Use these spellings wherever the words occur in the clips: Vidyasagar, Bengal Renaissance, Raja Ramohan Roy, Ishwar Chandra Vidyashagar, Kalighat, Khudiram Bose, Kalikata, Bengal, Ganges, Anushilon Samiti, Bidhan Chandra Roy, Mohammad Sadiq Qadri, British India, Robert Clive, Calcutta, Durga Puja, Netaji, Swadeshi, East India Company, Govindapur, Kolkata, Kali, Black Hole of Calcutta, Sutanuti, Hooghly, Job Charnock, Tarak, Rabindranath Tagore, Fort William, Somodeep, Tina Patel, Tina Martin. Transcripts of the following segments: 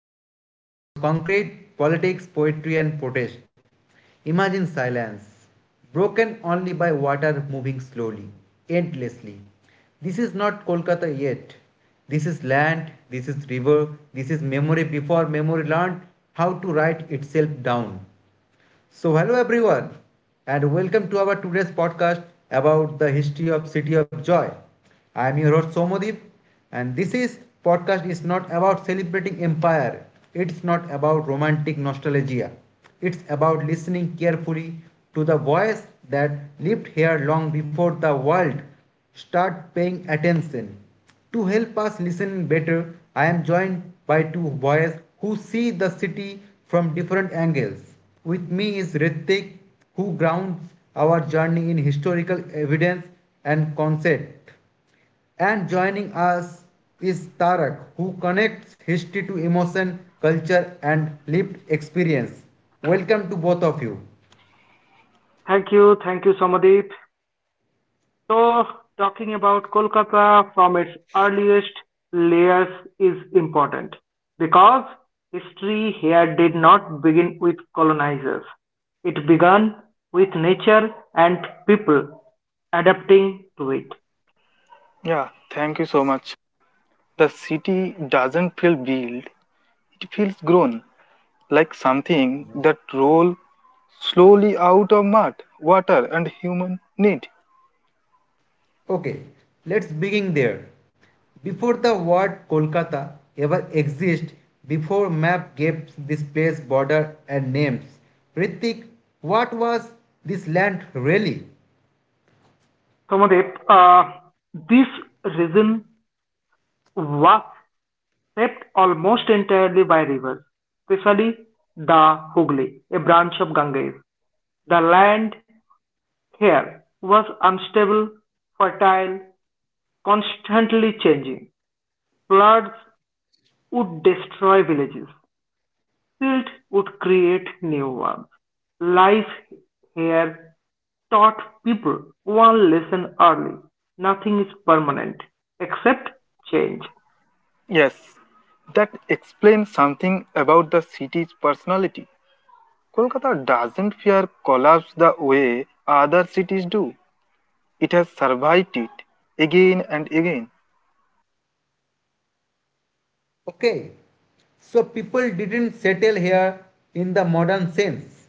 terms, before concrete, politics, poetry, and protest. Imagine silence, broken only by water moving slowly, endlessly. This is not Kolkata yet. This is land, this is river, this is memory before memory learned how to write itself down. So hello everyone and welcome to our today's podcast about the history of City of Joy. I am your host Somodeep, and this is podcast is not about celebrating empire. It's not about romantic nostalgia. It's about listening carefully to the voice that lived here long before the world start paying attention. To help us listen better, I am joined by two boys who see the city from different angles. With me is Ritik, who grounds our journey in historical evidence and concept. And joining us is Tarak, who connects history to emotion, culture, and lived experience. Welcome to both of you. Thank you. Thank you, Somadeep. So, talking about Kolkata from its earliest layers is important because history here did not begin with colonizers. It began with nature and people adapting to it. Yeah, thank you so much. The city doesn't feel built, it feels grown, like something that rolls slowly out of mud, water, and human need. Okay, let's begin there. Before the word Kolkata ever exists, before map gave this place border and names, Ritik, what was this land really? Somadeep, this region was shaped almost entirely by rivers, especially the Hooghly, a branch of Ganges. The land here was unstable, fertile, constantly changing; floods would destroy villages, fields would create new ones. Life here taught people one lesson early: nothing is permanent except change. Yes, that explains something about the city's personality. Kolkata doesn't fear collapse the way other cities do, it has survived it again and again. Okay, so people didn't settle here in the modern sense.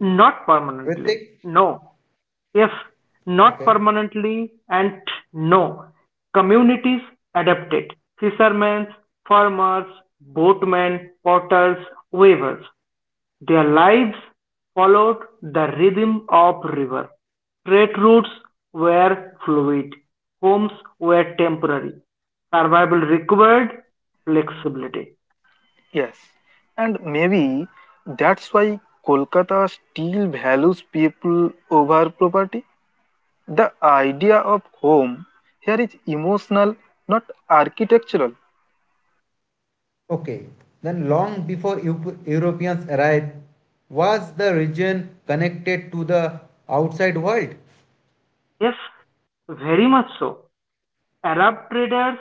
Not permanently, Ritik, no. If not okay, permanently and no, communities adapted: fishermen, farmers, boatmen, potters, weavers. Their lives followed the rhythm of river. Trade routes were fluid. Homes were temporary. Survival required flexibility. Yes, and maybe that's why Kolkata still values people over property. The idea of home here is emotional, not architectural, okay. Then long before Europeans arrived, was the region connected to the outside world? Yes, very much so. Arab traders,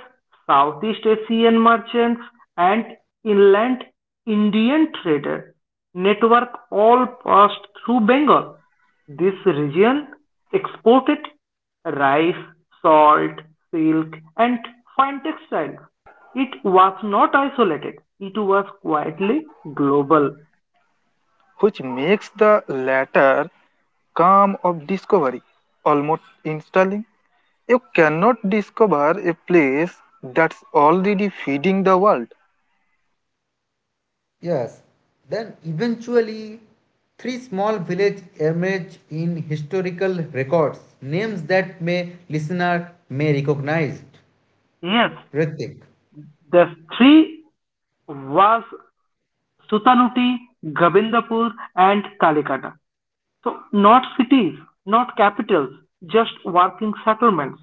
Southeast Asian merchants, and inland Indian trader network all passed through Bengal. This region exported rice, salt, silk, and fine textiles. It was not isolated, it was quietly global. which makes the latter calm of discovery almost installing. You cannot discover a place that's already feeding the world. Yes. Then eventually, three small villages emerge in historical records, names that may listener may recognize. Yes, Ritik. the three was Sutanuti, Govindapur, and Kalikata. So, not cities, not capitals, just working settlements.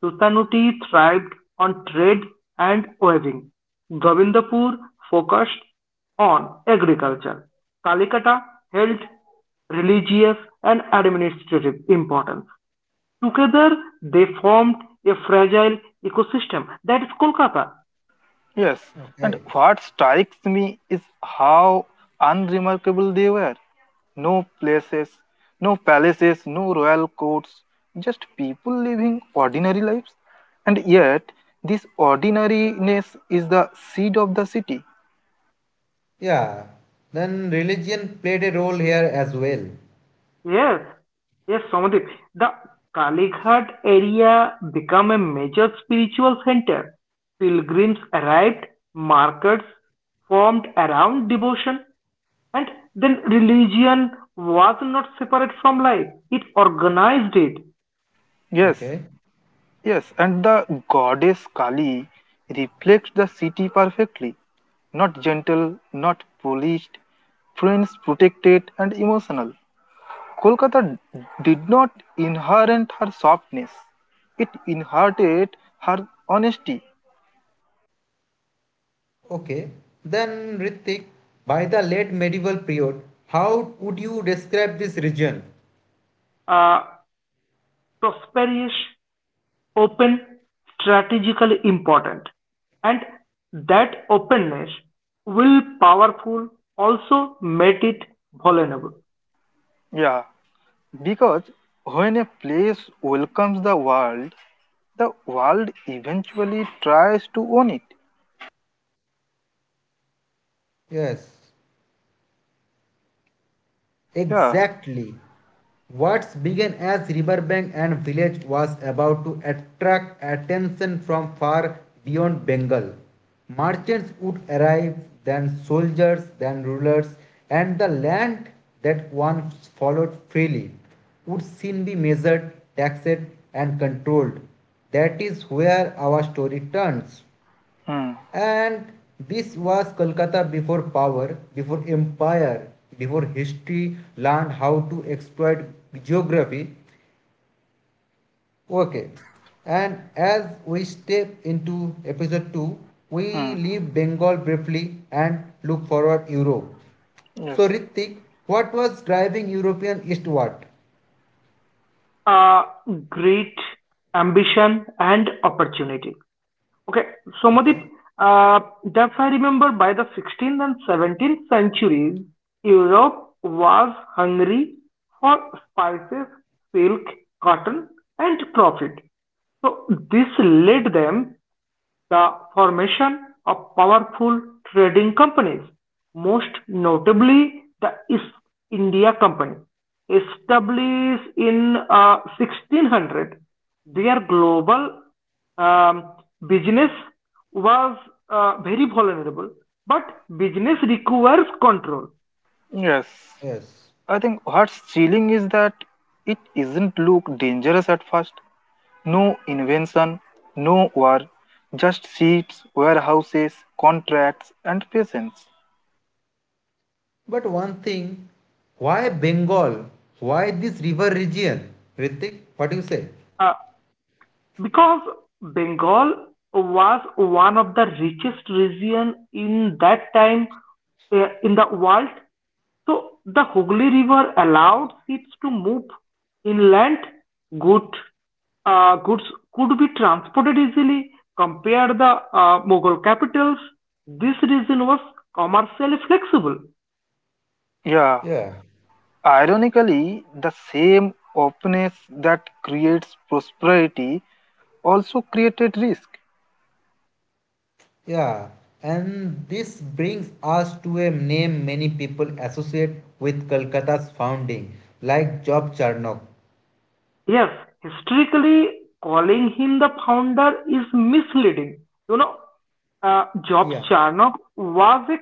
Sultanate thrived on trade and weaving. Govindapur focused on agriculture. Kalikata held religious and administrative importance. Together, they formed a fragile ecosystem that is Kolkata. Yes, and Okay. what strikes me is how unremarkable they were. No places, no palaces, no royal courts, just people living ordinary lives. And yet, this ordinariness is the seed of the city. Yeah. Then religion played a role here as well. Yes, yes, Somadip. The Kalighat area became a major spiritual center. Pilgrims arrived, markets formed around devotion, and then religion was not separate from life. It organized it, Yes, Okay. yes, and the goddess Kali reflects the city perfectly. Not gentle, not polished, friends protected and emotional. Kolkata did not inherit her softness, it inherited her honesty. Okay. Then Ritik, by the late medieval period, how would you describe this region? uh, Prosperous, open, strategically important, and that openness, will powerful, also made it vulnerable. Yeah, because when a place welcomes the world eventually tries to own it. Yes. Yeah. Exactly. What began as riverbank and village was about to attract attention from far beyond Bengal. Merchants would arrive, then soldiers, then rulers, and the land that once followed freely would soon be measured, taxed, and controlled. That is where our story turns. Hmm. And this was Kolkata before power, before empire, before history learned how to exploit geography. Okay. Yes. And as we step into episode 2, we Hmm. leave Bengal briefly and look forward Europe. So Yes. Ritik, what was driving European eastward? uh, Great ambition and opportunity. Okay, Somadip, Okay. uh, that's I remember by the 16th and 17th centuries, Europe was hungry for spices, silk, cotton, and profit. So this led them the formation of powerful trading companies, most notably the East India Company. Established in 1600, their global um, business was very vulnerable, but business requires control. Yes. Yes. I think what's chilling is that it isn't look dangerous at first. No invention, no war, just seats, warehouses, contracts, and patience. But one thing, why Bengal? Why this river region? Ritik, what do you say? Uh, because Bengal was one of the richest region in that time in the world. So the Hooghly River allowed ships to move inland. Good, Goods could be transported easily. Compare the Mughal capitals. This region was commercially flexible. Yeah, Yeah. ironically, the same openness that creates prosperity also created risk. Yeah, and this brings us to a name many people associate with Kolkata's founding, like Job Charnock. Yes, historically, calling him the founder is misleading. You know, Jobs Yeah. Charnock was a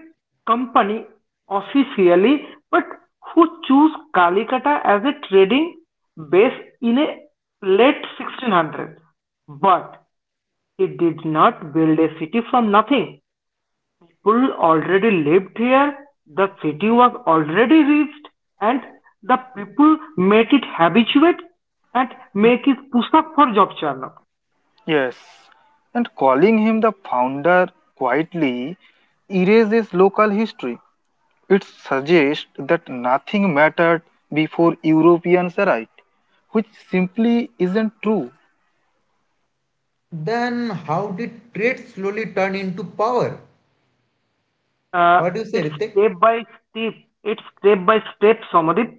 company officially, but who chose Calicutta as a trading base in a late 1600s. But he did not build a city from nothing. People already lived here, the city was already reached, and the people made it habituate and make it push up for job churn up. Yes, and calling him the founder quietly erases local history. It suggests that nothing mattered before Europeans arrived, which simply isn't true. Then how did trade slowly turn into power? Uh, What do you say, it's Ritik? step by step. It's step by step, Somadip,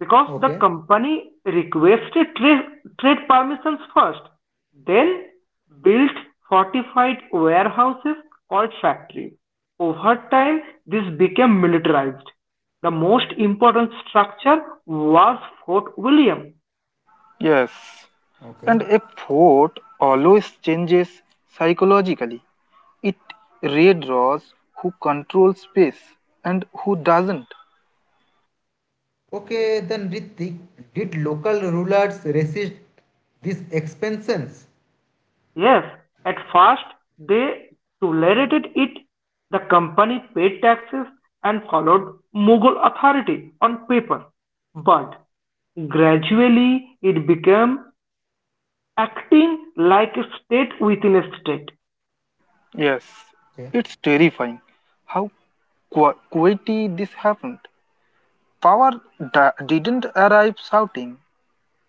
because the Okay. company requested trade permissions first, then built fortified warehouses called factory. Over time, this became militarized. The most important structure was Fort William. Yes, Okay. and a fort always changes psychologically. It redraws who controls space and who doesn't. Okay, then Ritik, did local rulers resist these expansions? Yes, at first they tolerated it. The company paid taxes and followed Mughal authority on paper, but gradually it became acting like a state within a state, Yes, Okay. it's terrifying how quickly this happened. Power didn't arrive shouting,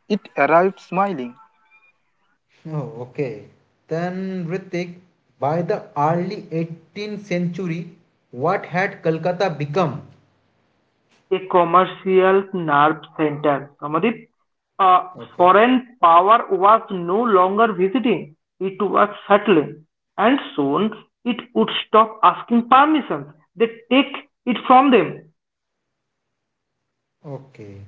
it arrived smiling. Oh, okay. Then Ritik, by the early 18th century, what had Kolkata become? a commercial nerve center. Samadip, a Okay. foreign power was no longer visiting, it was settling, and soon it would stop asking permission. They take it from them. Okay.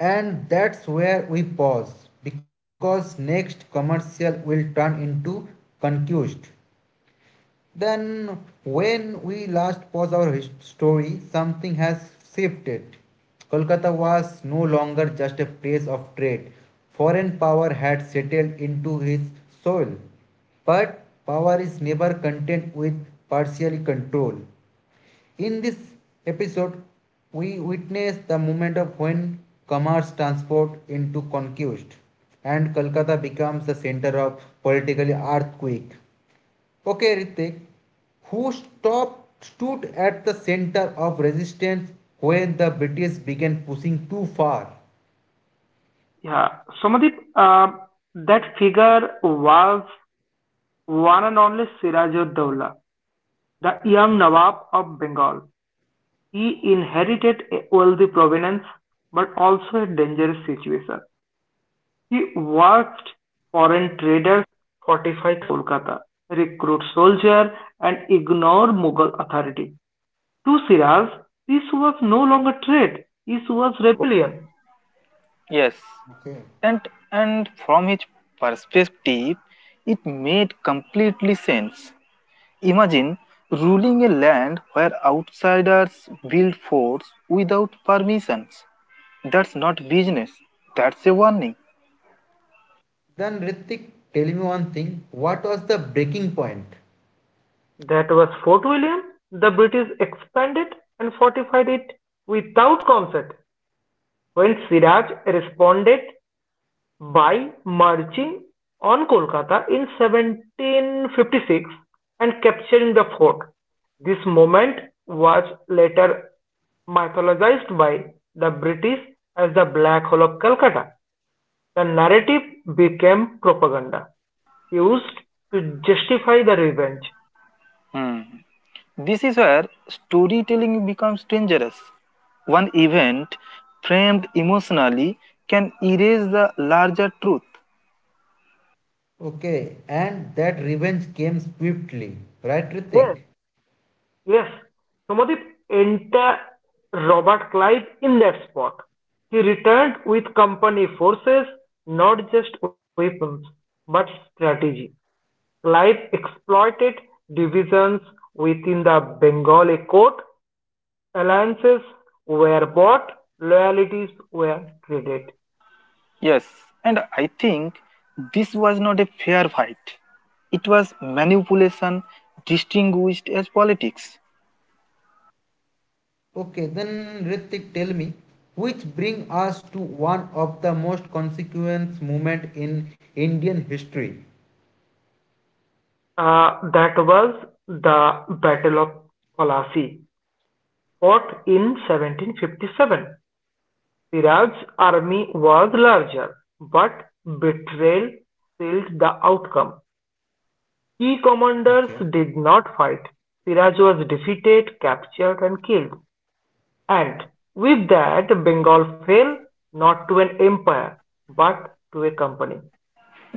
And that's where we pause because next commercial will turn into confused. Then, when we last pause our story, something has shifted. Kolkata was no longer just a place of trade, foreign power had settled into his soul. But power is never content with partial control. In this episode, we witness the moment of when commerce transport into conquest and Kolkata becomes the center of political earthquake. Okay, Ritik, who stood at the center of resistance when the British began pushing too far? Yeah. Somadeep, that figure was one and only Sirajud-Dowla, the young Nawab of Bengal. He inherited a wealthy provenance but also a dangerous situation. He worked foreign traders, fortified Kolkata, recruit soldiers, and ignore Mughal authority. To Siraj, this was no longer trade, this was rebellion. Yes, and, and from his perspective, it made completely sense. Imagine ruling a land where outsiders build forts without permissions. That's not business, that's a warning. Then Ritik, tell me one thing, what was the breaking point? That was Fort William; the British expanded and fortified it without concert when Siraj responded by marching on Kolkata in 1756 and capturing the fort. This moment was later mythologized by the British as the Black Hole of Calcutta. The narrative became propaganda, used to justify the revenge. Hmm. This is where storytelling becomes dangerous. One event framed emotionally can erase the larger truth. Okay, and that revenge came swiftly, right Yes, Ritik? yes, Somodip, enter Robert Clive in that spot. He returned with company forces, not just weapons, but strategy. Clive exploited divisions within the Bengali court, alliances were bought, loyalties were traded. Yes, and I think this was not a fair fight. It was manipulation distinguished as politics. Okay, then Ritik, tell me, which bring us to one of the most consequence movement in Indian history. That was the Battle of Plassey fought in 1757. Siraj's army was larger, but betrayal sealed the outcome. Key commanders did not fight. Siraj was defeated, captured and killed. And with that Bengal fell not to an empire but to a company.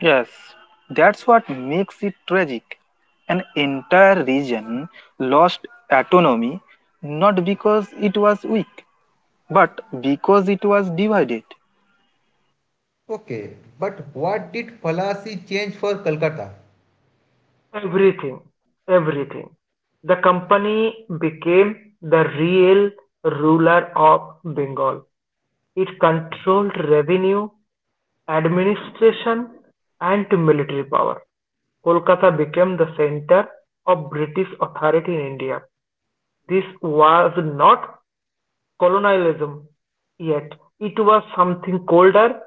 Yes, that's what makes it tragic. An entire region lost autonomy not because it was weak, but because it was divided. Okay, but what did Phalasi change for Calcutta? Everything, everything. The company became the real ruler of Bengal. It controlled revenue, administration and military power, Kolkata became the center of British authority in India. This was not colonialism yet, it was something colder,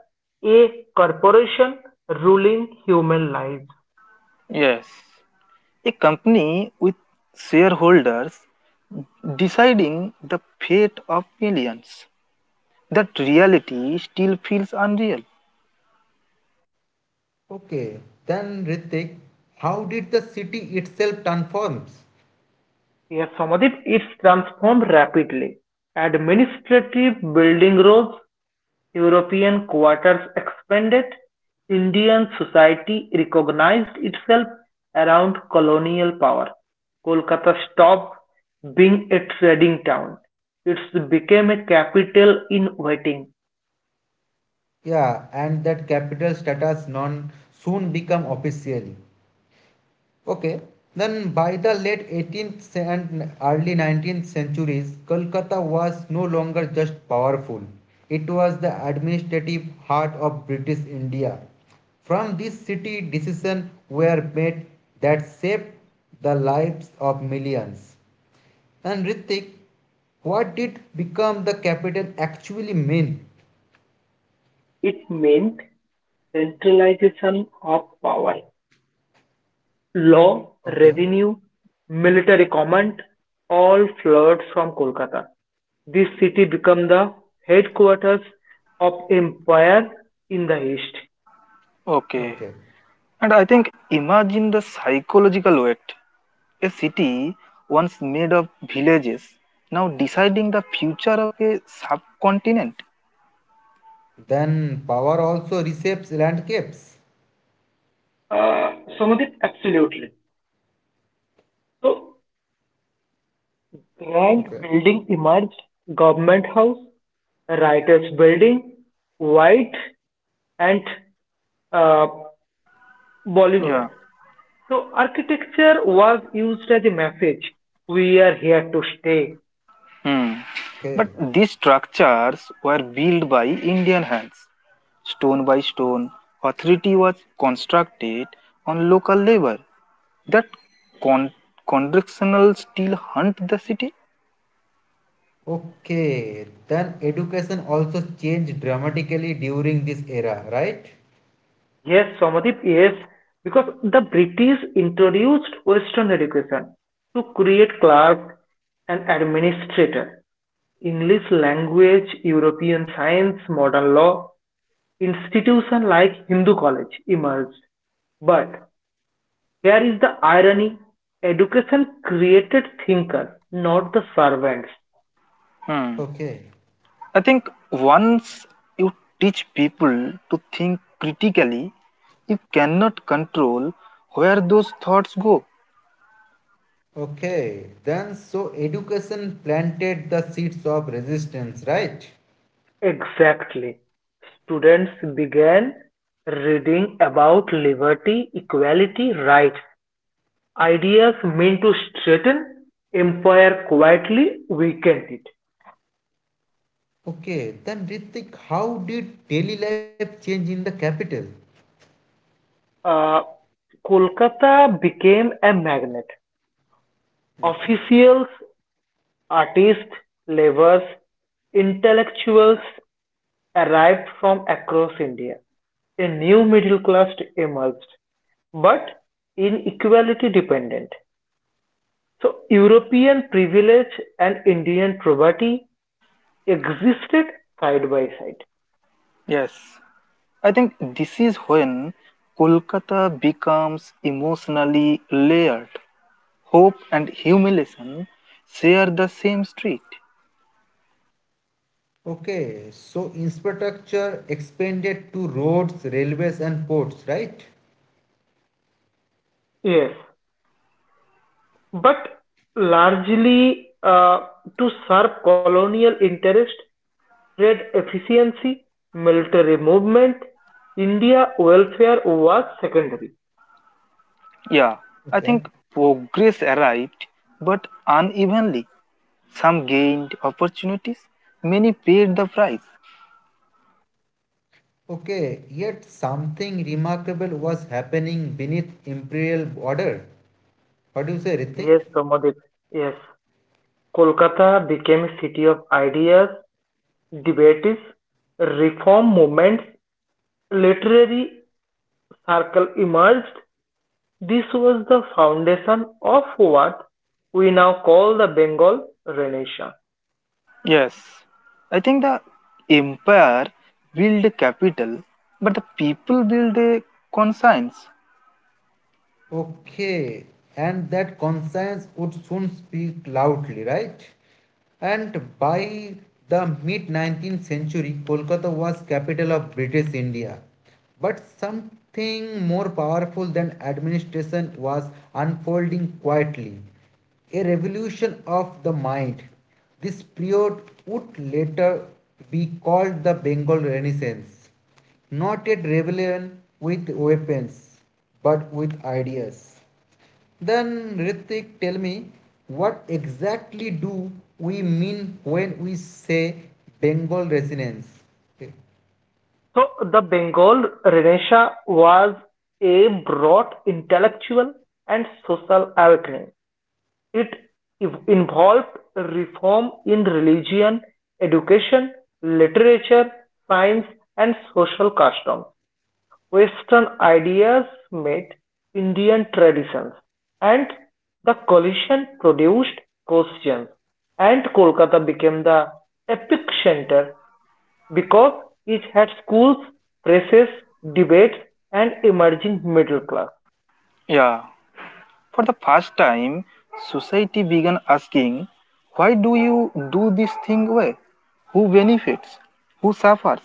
a corporation ruling human lives. Yes, a company with shareholders deciding the fate of millions. That reality still feels unreal. Okay, then Ritik, how did the city itself transforms? Yes, Samadip, it's transformed rapidly. Administrative building rose, European quarters expanded, Indian society recognized itself around colonial power. Kolkata stopped being a trading town. It became a capital in waiting. Yeah, and that capital status non soon become officially. Okay. Then by the late 18th and early 19th centuries, Kolkata was no longer just powerful. It was the administrative heart of British India. From this city, decisions were made that shaped the lives of millions. And Ritik, what did become the capital actually mean? It meant centralization of power. Law, Okay, revenue, military command all flowed from Kolkata. This city became the headquarters of empire in the east. Okay, okay. and I think imagine the psychological weight. A city once made of villages, now deciding the future of a subcontinent. Then power also reshapes landscapes. Uh, Somodip, absolutely. So, grand building emerged, government house, writers building, white and uh, Bollywood. Yeah. So, architecture was used as a message. We are here to stay. Hmm. But these structures were built by Indian hands. Stone by stone, authority was constructed on local labor. That con- contractional still hunt the city. Okay, then education also changed dramatically during this era, right? Yes, Somadip, yes, because the British introduced Western education to create clerk and administrator, English language, European science, modern law, institution like Hindu College emerged. But here is the irony, education created thinkers, not the servants. Hmm. Okay, I think once you teach people to think critically, you cannot control where those thoughts go. okay, then so education planted the seeds of resistance, right? Exactly. Students began reading about liberty, equality, rights, ideas meant to straighten empire quietly weakened it. Okay, then Ritik, how did daily life change in the capital? Uh, Kolkata became a magnet. Officials, artists, laborers, intellectuals arrived from across India. A new middle class emerged, but inequality dependent. So European privilege and Indian poverty existed side by side. Yes, I think this is when Kolkata becomes emotionally layered. Hope and humiliation share the same street. Okay, so infrastructure expanded to roads, railways, and ports, right? Yes, but largely to serve colonial interest, trade efficiency, military movement, India welfare was secondary. Yeah, I Okay. think progress arrived but unevenly. Some gained opportunities, many paid the price. Okay, yet something remarkable was happening beneath imperial order. What do you say, Ritik? Yes, Pramodip. Yes, Kolkata became a city of ideas debates, reform movements, literary circle emerged. This was the foundation of what we now call the Bengal Renaissance. Yes, I think the empire build capital, but the people build a conscience. Okay, and that conscience would soon speak loudly, right? And by the mid 19th century, Kolkata was capital of British India. But something more powerful than administration was unfolding quietly a revolution of the mind. This period would later be called the Bengal Renaissance. Not a rebellion with weapons, but with ideas. Then Ritik, tell me, what exactly do we mean when we say Bengal resonance? Okay. So the Bengal Renaissance was a broad intellectual and social awakening. It involved reform in religion, education, literature, science, and social customs. Western ideas met Indian traditions, and the collision produced questions, and Kolkata became the epic center because it had schools, presses, debates, and emerging middle class. Yeah, for the first time, society began asking, why do you do this thing way? Who benefits? Who suffers?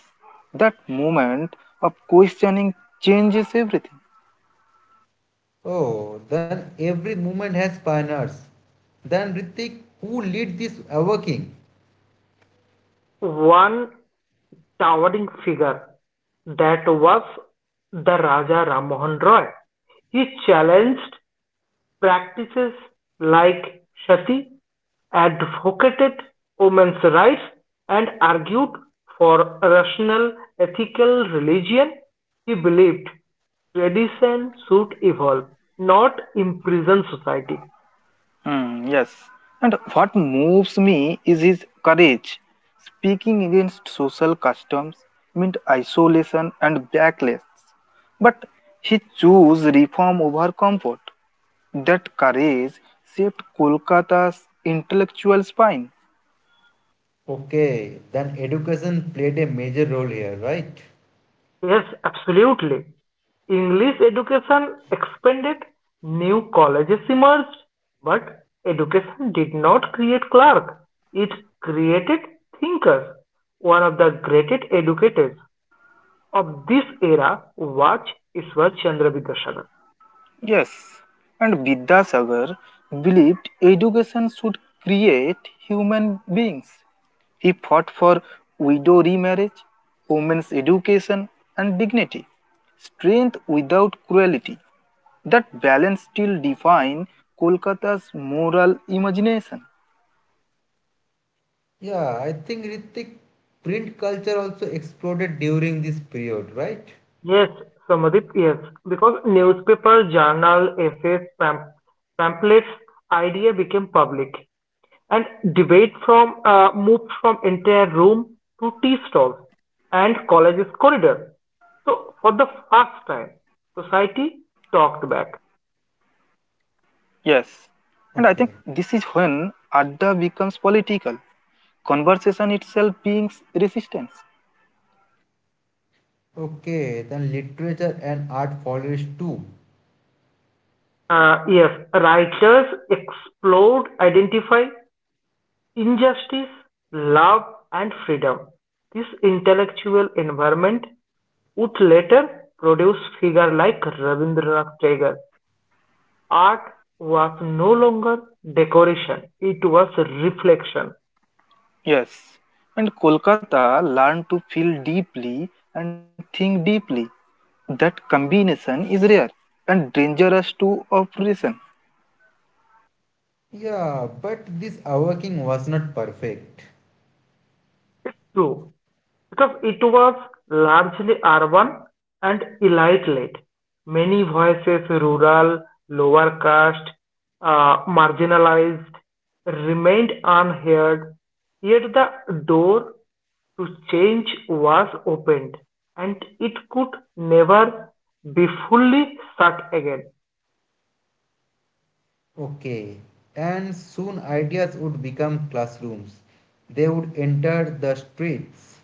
That moment of questioning changes everything. Oh, then every movement has pioneers. Then Ritik, who lead this awakening? One towering figure that was the Raja Ramohan Roy. He challenged practices like sati advocated women's rights and argued for a rational, ethical religion, he believed tradition should evolve, not imprison society. Hmm, yes. And what moves me is his courage. Speaking against social customs meant isolation and backlash. But he chose reform over comfort. That courage shaped Kolkata's intellectual spine. Okay, then education played a major role here, right? Yes, absolutely. English education expanded, new colleges emerged, but education did not create clerk. It created thinkers, one of the greatest educators of this era was Ishwar Chandra Vidyashagar. Yes. And Vidyasagar believed education should create human beings. He fought for widow remarriage, women's education, and dignity. Strength without cruelty. That balance still defines Kolkata's moral imagination. Yeah, I think Ritik print culture also exploded during this period, right? Yes, Samadip, yes. Because newspaper, journal, essays, pamphlets, idea became public. And debate from moved from entire room to tea stalls and college's corridor. So for the first time, society talked back. Yes, and I think this Okay. is when Adda becomes political, conversation itself being resistance. Okay, then literature and art follows too. Yes, writers explored, identify, injustice, love and freedom: this intellectual environment would later produce figures like Rabindranath Tagore. Art was no longer decoration, it was reflection. Yes, and Kolkata learned to feel deeply and think deeply. That combination is rare and dangerous to operation. Yeah, but this awakening was not perfect. It's true, because it was largely urban and elite-led. Many voices, rural, lower caste, marginalized, remained unheard, yet the door to change was opened and it could never be fully shut again. Okay, and soon ideas would become classrooms. They would enter the streets.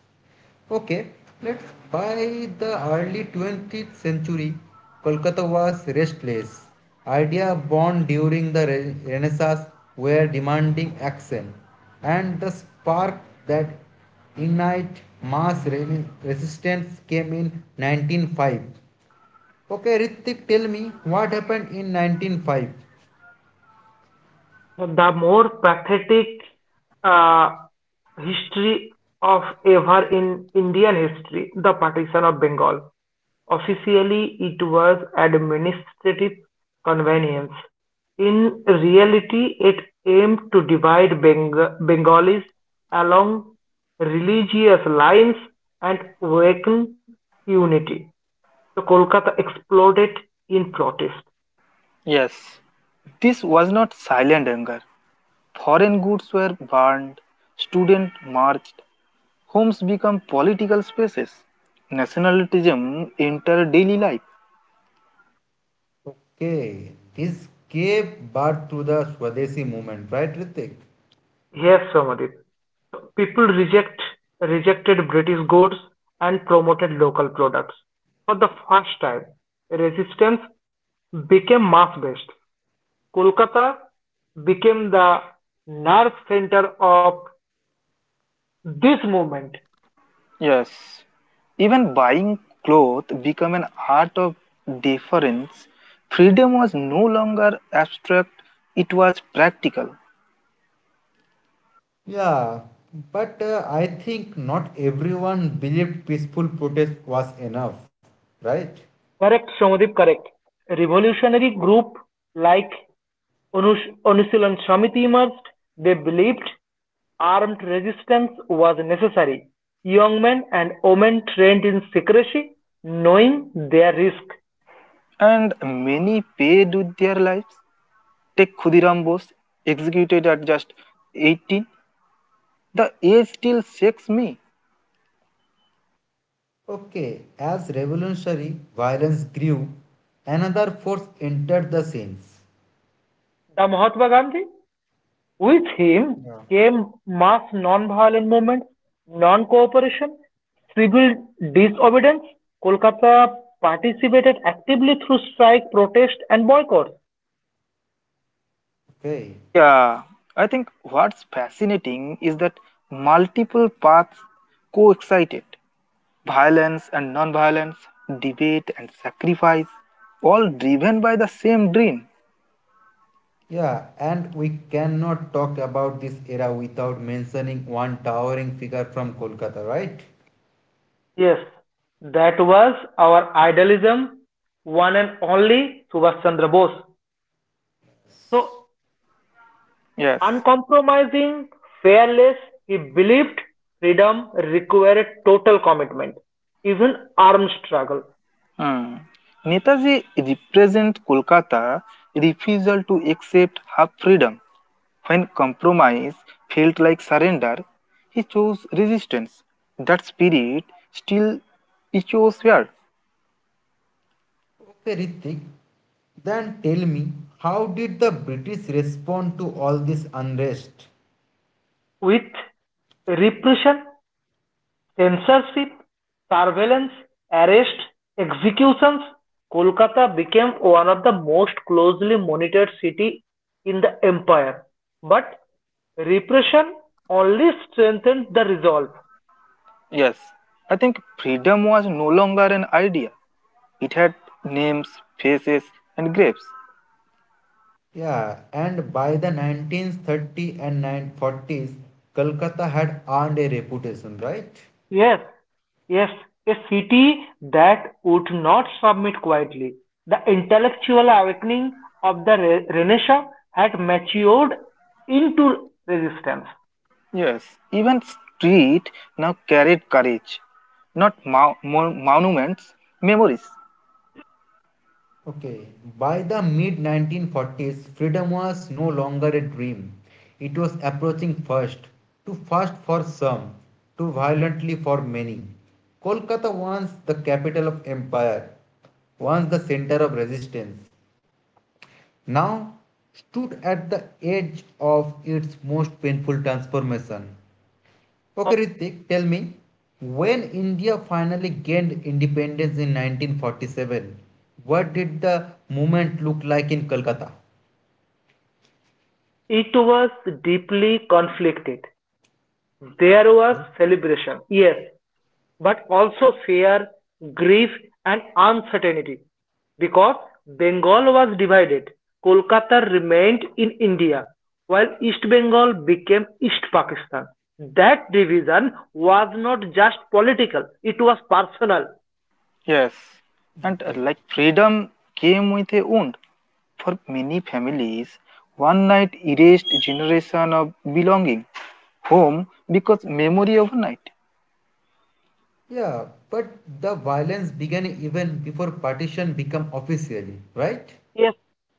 Okay, let's by the early 20th century, Kolkata was restless. Ideas born during the Renaissance were demanding action, and the spark that ignited mass resistance came in 1905. Okay, Ritik, tell me what happened in 1905. The more pathetic uh, history of ever in Indian history, the partition of Bengal. Officially, it was administrative convenience. In reality, it aimed to divide Bengalis along religious lines and weaken unity. The Kolkata exploded in protest. Yes, this was not silent anger. Foreign goods were burned, students marched, homes became political spaces. Nationalism entered daily life. Okay, this gave birth to the Swadeshi movement, right, Ritik? Yes, Somadip. People reject rejected British goods and promoted local products. For the first time, resistance became mass-based. Kolkata became the nerve center of this movement. Yes, even buying clothes became an art of deference. Freedom was no longer abstract, it was practical. Yeah, but I think not everyone believed peaceful protest was enough, right? Correct, Somadip, correct. Revolutionary group like Anushilon Samiti emerged. They believed armed resistance was necessary; young men and women trained in secrecy, knowing their risk. And many paid with their lives. Take Khudiram Bose, executed at just 18. The age still shakes me. Okay, as revolutionary violence grew, another force entered the scenes. The Mahatma Gandhi? With him came mass non-violent movements, non-cooperation, civil disobedience. Kolkata participated actively through strike, protest, and boycott. Okay, Yeah, I think what's fascinating is that multiple paths coexisted violence and non violence, debate and sacrifice, all driven by the same dream. yeah, and we cannot talk about this era without mentioning one towering figure from Kolkata, right? Yes, that was our idealism, one and only Subhash Chandra Bose. So, Yes. uncompromising, fearless, he believed freedom required total commitment, even armed struggle, Hmm. Netaji represents Kolkata refusal to accept half freedom. When compromise felt like surrender, he chose resistance. That spirit still echoes here. Okay, Ritik, then tell me, how did the British respond to all this unrest? with repression, censorship, surveillance, arrest, executions. Kolkata became one of the most closely monitored cities in the empire, but repression only strengthened the resolve. Yes, I think freedom was no longer an idea. It had names, faces, and graves. Yeah, and by the 1930 and 1940s, Kolkata had earned a reputation, right? Yes, yes, a city that would not submit quietly. The intellectual awakening of the Renaissance had matured into resistance. Yes, even street now carried courage, not monuments, memories. Okay, by the mid 1940s, freedom was no longer a dream. It was approaching fast, too fast for some, too violently for many. Kolkata, once the capital of empire, once the center of resistance, now stood at the edge of its most painful transformation. Okay, Ritik, tell me, when India finally gained independence in 1947, what did the movement look like in Kolkata? It was deeply conflicted. There was celebration, yes, but also fear, grief, and uncertainty. Because Bengal was divided, Kolkata remained in India, while East Bengal became East Pakistan. That division was not just political, it was personal. Yes, and Okay. like freedom came with a wound. For many families, one night erased generation of belonging, home because memory overnight. Yeah, but the violence began even before partition became officially, right? Yes,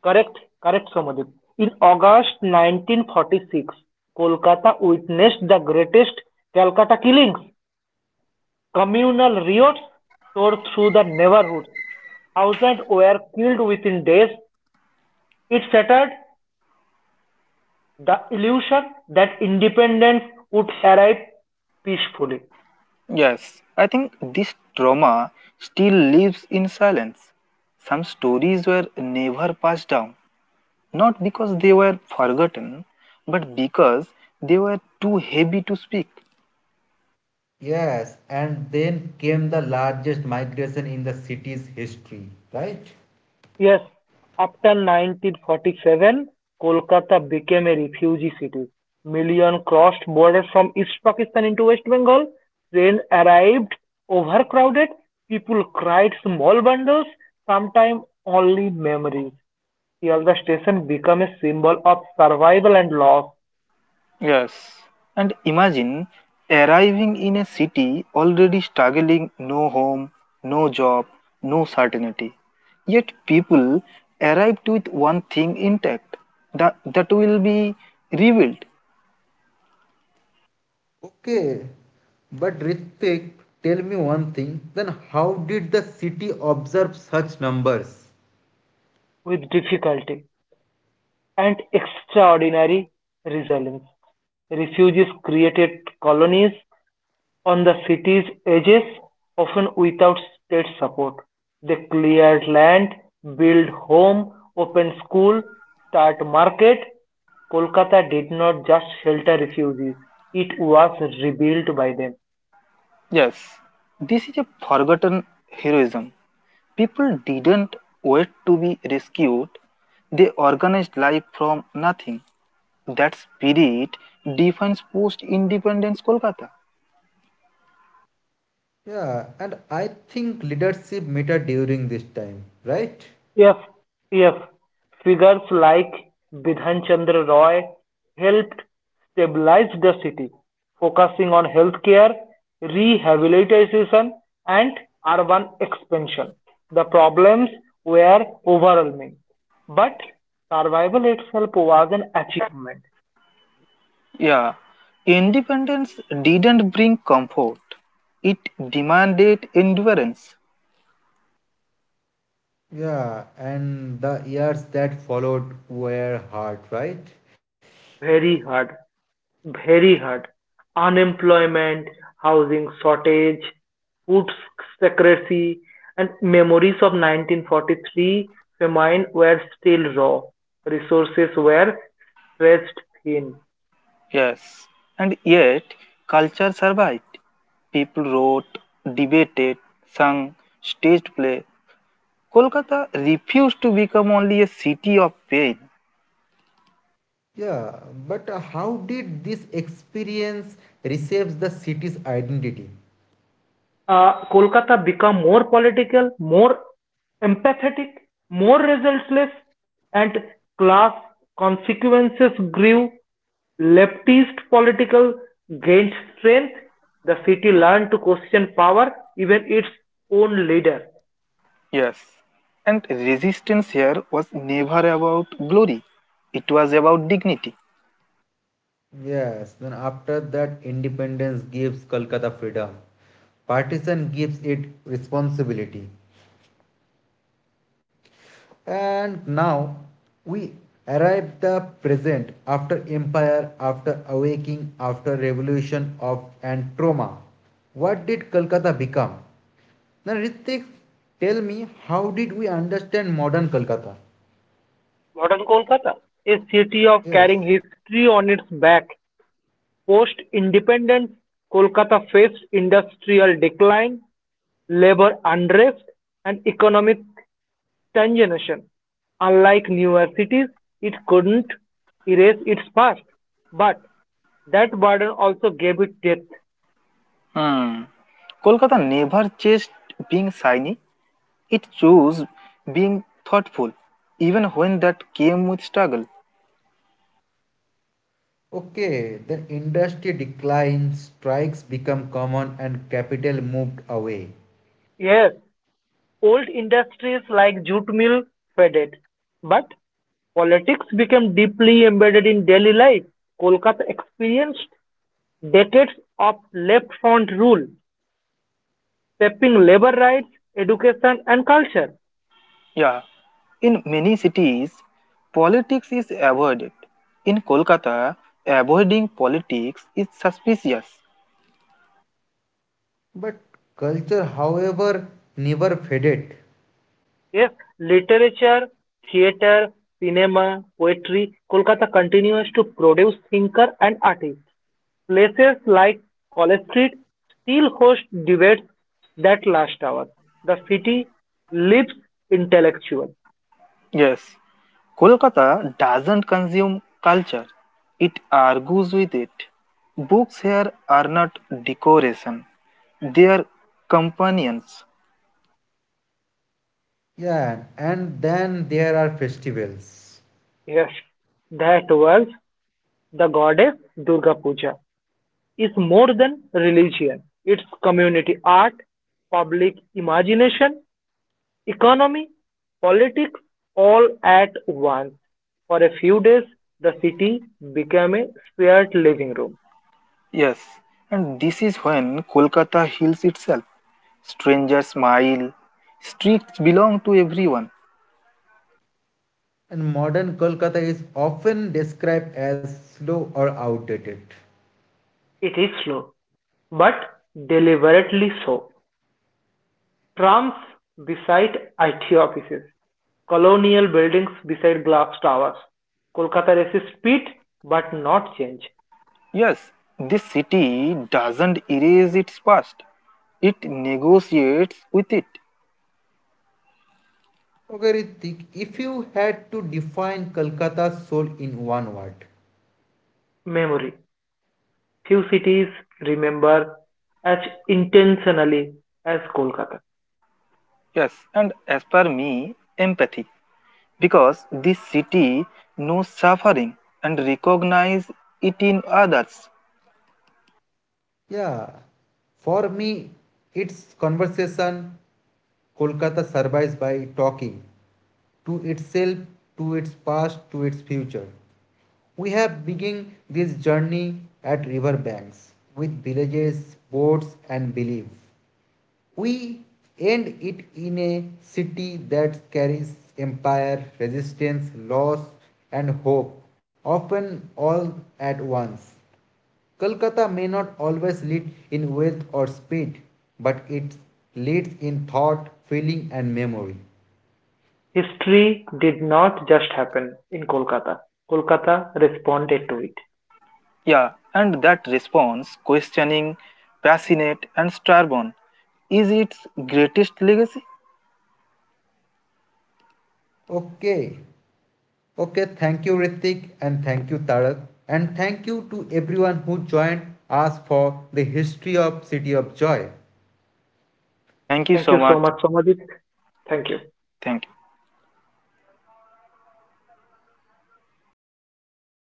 correct, correct, Somadip. In August 1946, Kolkata witnessed the greatest Calcutta killings. Communal riots tore through the neighborhood. Thousands were killed within days. It shattered the illusion that independence would arrive peacefully. Yes, I think this trauma still lives in silence. Some stories were never passed down, not because they were forgotten, but because they were too heavy to speak. Yes, and then came the largest migration in the city's history, right? Yes, after 1947, Kolkata became a refugee city. Millions crossed borders from East Pakistan into West Bengal. Trains arrived overcrowded. People cried small bundles, sometimes only memories. Here the station became a symbol of survival and loss Yes, and imagine arriving in a city already struggling no home, no job, no certainty. Yet people arrived with one thing intact that, that will be revealed. Okay, but Ritik, tell me one thing, then how did the city observe such numbers? with difficulty and extraordinary resilience. Refugees created colonies on the city's edges, often without state support. They cleared land, built home, opened school, start market. Kolkata did not just shelter refugees, it was rebuilt by them. Yes, this is a forgotten heroism. People didn't wait to be rescued, they organized life from nothing. That spirit defines post independence Kolkata. Yeah, and I think leadership matter during this time, right? Yes, yes. Figures like Bidhan Chandra Roy helped stabilize the city, focusing on healthcare, rehabilitation, and urban expansion. The problems were overwhelming, but survival itself was an achievement, Yeah, independence didn't bring comfort, it demanded endurance. Yeah, and the years that followed were hard, right? very hard. very hard. Unemployment, housing shortage, food secrecy, and memories of 1943 famine were still raw. Resources were stretched thin. Yes, and yet culture survived. People wrote, debated, sung, staged play, Kolkata refused to become only a city of pain, Yeah, but how did this experience reshapes the city's identity? Kolkata become more political, more empathetic, more resultless, and class consequences grew. Leftist political gained strength. The city learned to question power, even its own leader. yes, and resistance here was never about glory, it was about dignity. Yes, then after that, independence gives Kolkata freedom. Partition gives it responsibility. And now we arrive the present after empire, after awakening, after revolution of and trauma. What did Kolkata become? Now Ritik, tell me how did we understand modern Kolkata? Modern Kolkata, a city of Yes. carrying history on its back. Post independence, Kolkata faced industrial decline, labor unrest, and economic conjunction: unlike newer cities, it couldn't erase its past, but that burden also gave it depth. Hmm. Kolkata never chased being shiny, it chose being thoughtful, even when that came with struggle. Okay, the industry declines, strikes become common and capital moved away. Yes, old industries like jute mill faded, but politics became deeply embedded in daily life. Kolkata experienced decades of left front rule, shaping labor rights, education, and culture. Yeah, in many cities, politics is avoided. In Kolkata, avoiding politics is suspicious. But culture, however, never faded. Yes, literature, theatre, cinema, poetry, Kolkata continues to produce thinkers and artists. Places like College Street still host debates that last hours. The city lives intellectual. Yes, Kolkata doesn't consume culture, it argues with it. Books here are not decoration, they are companions. Yeah, and then there are festivals. Yes, that was the goddess Durga Puja. Is more than religion. It's community art, public imagination, economy, politics all at once. For a few days, the city became a spared living room. Yes, and this is when Kolkata heals itself. Strangers smile, streets belong to everyone. And modern Kolkata is often described as slow or outdated. It is slow, but deliberately so. Trams beside IT offices, colonial buildings beside glass towers. Kolkata resists speed but not change. Yes, this city doesn't erase its past, it negotiates with it. Okay, Ritik, if you had to define Kolkata's soul in one word, Memory. Few cities remember as intentionally as Kolkata. Yes, and as per me, empathy. Because this city knows suffering and recognizes it in others. yeah, for me, its conversation, Kolkata survives by talking to itself, to its past, to its future. We have begun this journey at river banks with villages, boats, and belief. We end it in a city that carries empire, resistance, loss, and hope, often all at once. Kolkata may not always lead in wealth or speed, but it leads in thought, feeling, and memory. History did not just happen in Kolkata; Kolkata responded to it. Yeah, and that response, questioning, passionate, and stubborn, is its greatest legacy. Okay, okay, thank you, Ritik, and thank you, Tarak, and thank you to everyone who joined us for the history of City of Joy. Thank you Thank you so so much. much, Somadip. Thank you. Thank you.